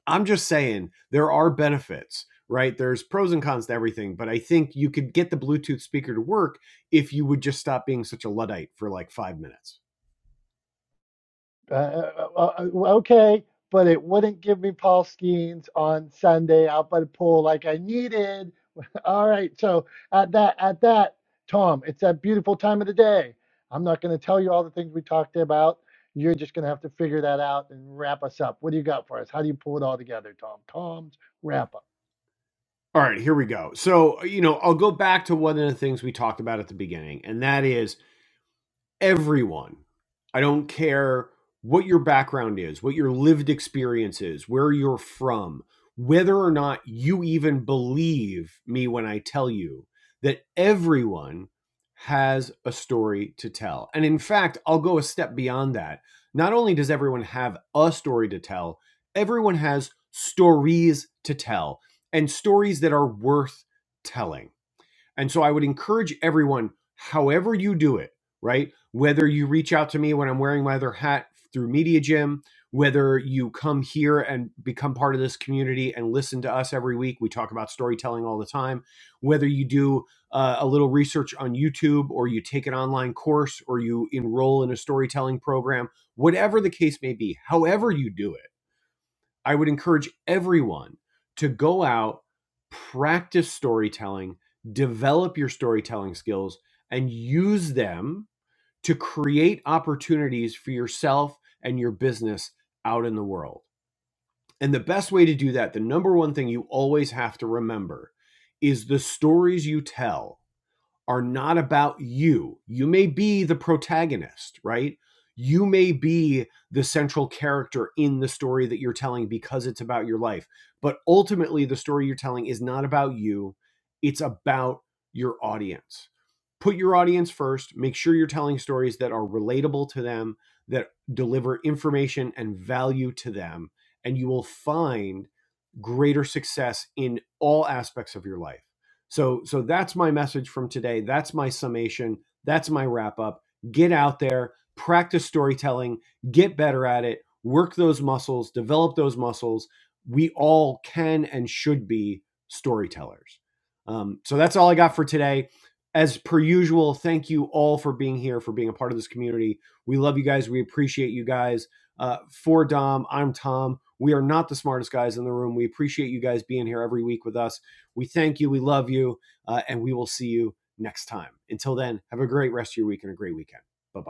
B: I'm just saying there are benefits, right? There's pros and cons to everything, but I think you could get the Bluetooth speaker to work if you would just stop being such a Luddite for like five minutes.
A: Uh, uh, uh, uh, uh, okay, but it wouldn't give me Paul Skeens on Sunday out by the pool like I needed. *laughs* All right, so at that at that Tom, it's that beautiful time of the day. I'm not going to tell you all the things we talked about. You're just going to have to figure that out and wrap us up. What do you got for us? How do you pull it all together, Tom? Tom's wrap up.
B: All right, here we go. So, you know, I'll go back to one of the things we talked about at the beginning, and that is everyone. I don't care what your background is, what your lived experience is, where you're from, whether or not you even believe me when I tell you that everyone has a story to tell. And in fact, I'll go a step beyond that. Not only does everyone have a story to tell, everyone has stories to tell and stories that are worth telling and so I would encourage everyone, however you do it, right? Whether you reach out to me when I'm wearing my other hat through Media Gym, whether you come here and become part of this community and listen to us every week, we talk about storytelling all the time, whether you do uh, a little research on YouTube or you take an online course or you enroll in a storytelling program, whatever the case may be, however you do it I would encourage everyone to go out, practice storytelling, develop your storytelling skills, and use them to create opportunities for yourself and your business out in the world. And the best way to do that, the number one thing you always have to remember is the stories you tell are not about you. You may be the protagonist, right? You may be the central character in the story that you're telling because it's about your life. But ultimately, the story you're telling is not about you, it's about your audience. Put your audience first. Make sure you're telling stories that are relatable to them, that deliver information and value to them, and you will find greater success in all aspects of your life. So so that's my message from today. That's my summation. That's my wrap up. Get out there, practice storytelling, get better at it, work those muscles, develop those muscles. We all can and should be storytellers. Um, so that's all I got for today. As per usual, thank you all for being here, for being a part of this community. We love you guys. We appreciate you guys. Uh, for Dom, I'm Tom. We are not the smartest guys in the room. We appreciate you guys being here every week with us we thank you. We love you. Uh, and we will see you next time. Until then, have a great rest of your week and a great weekend. Bye bye.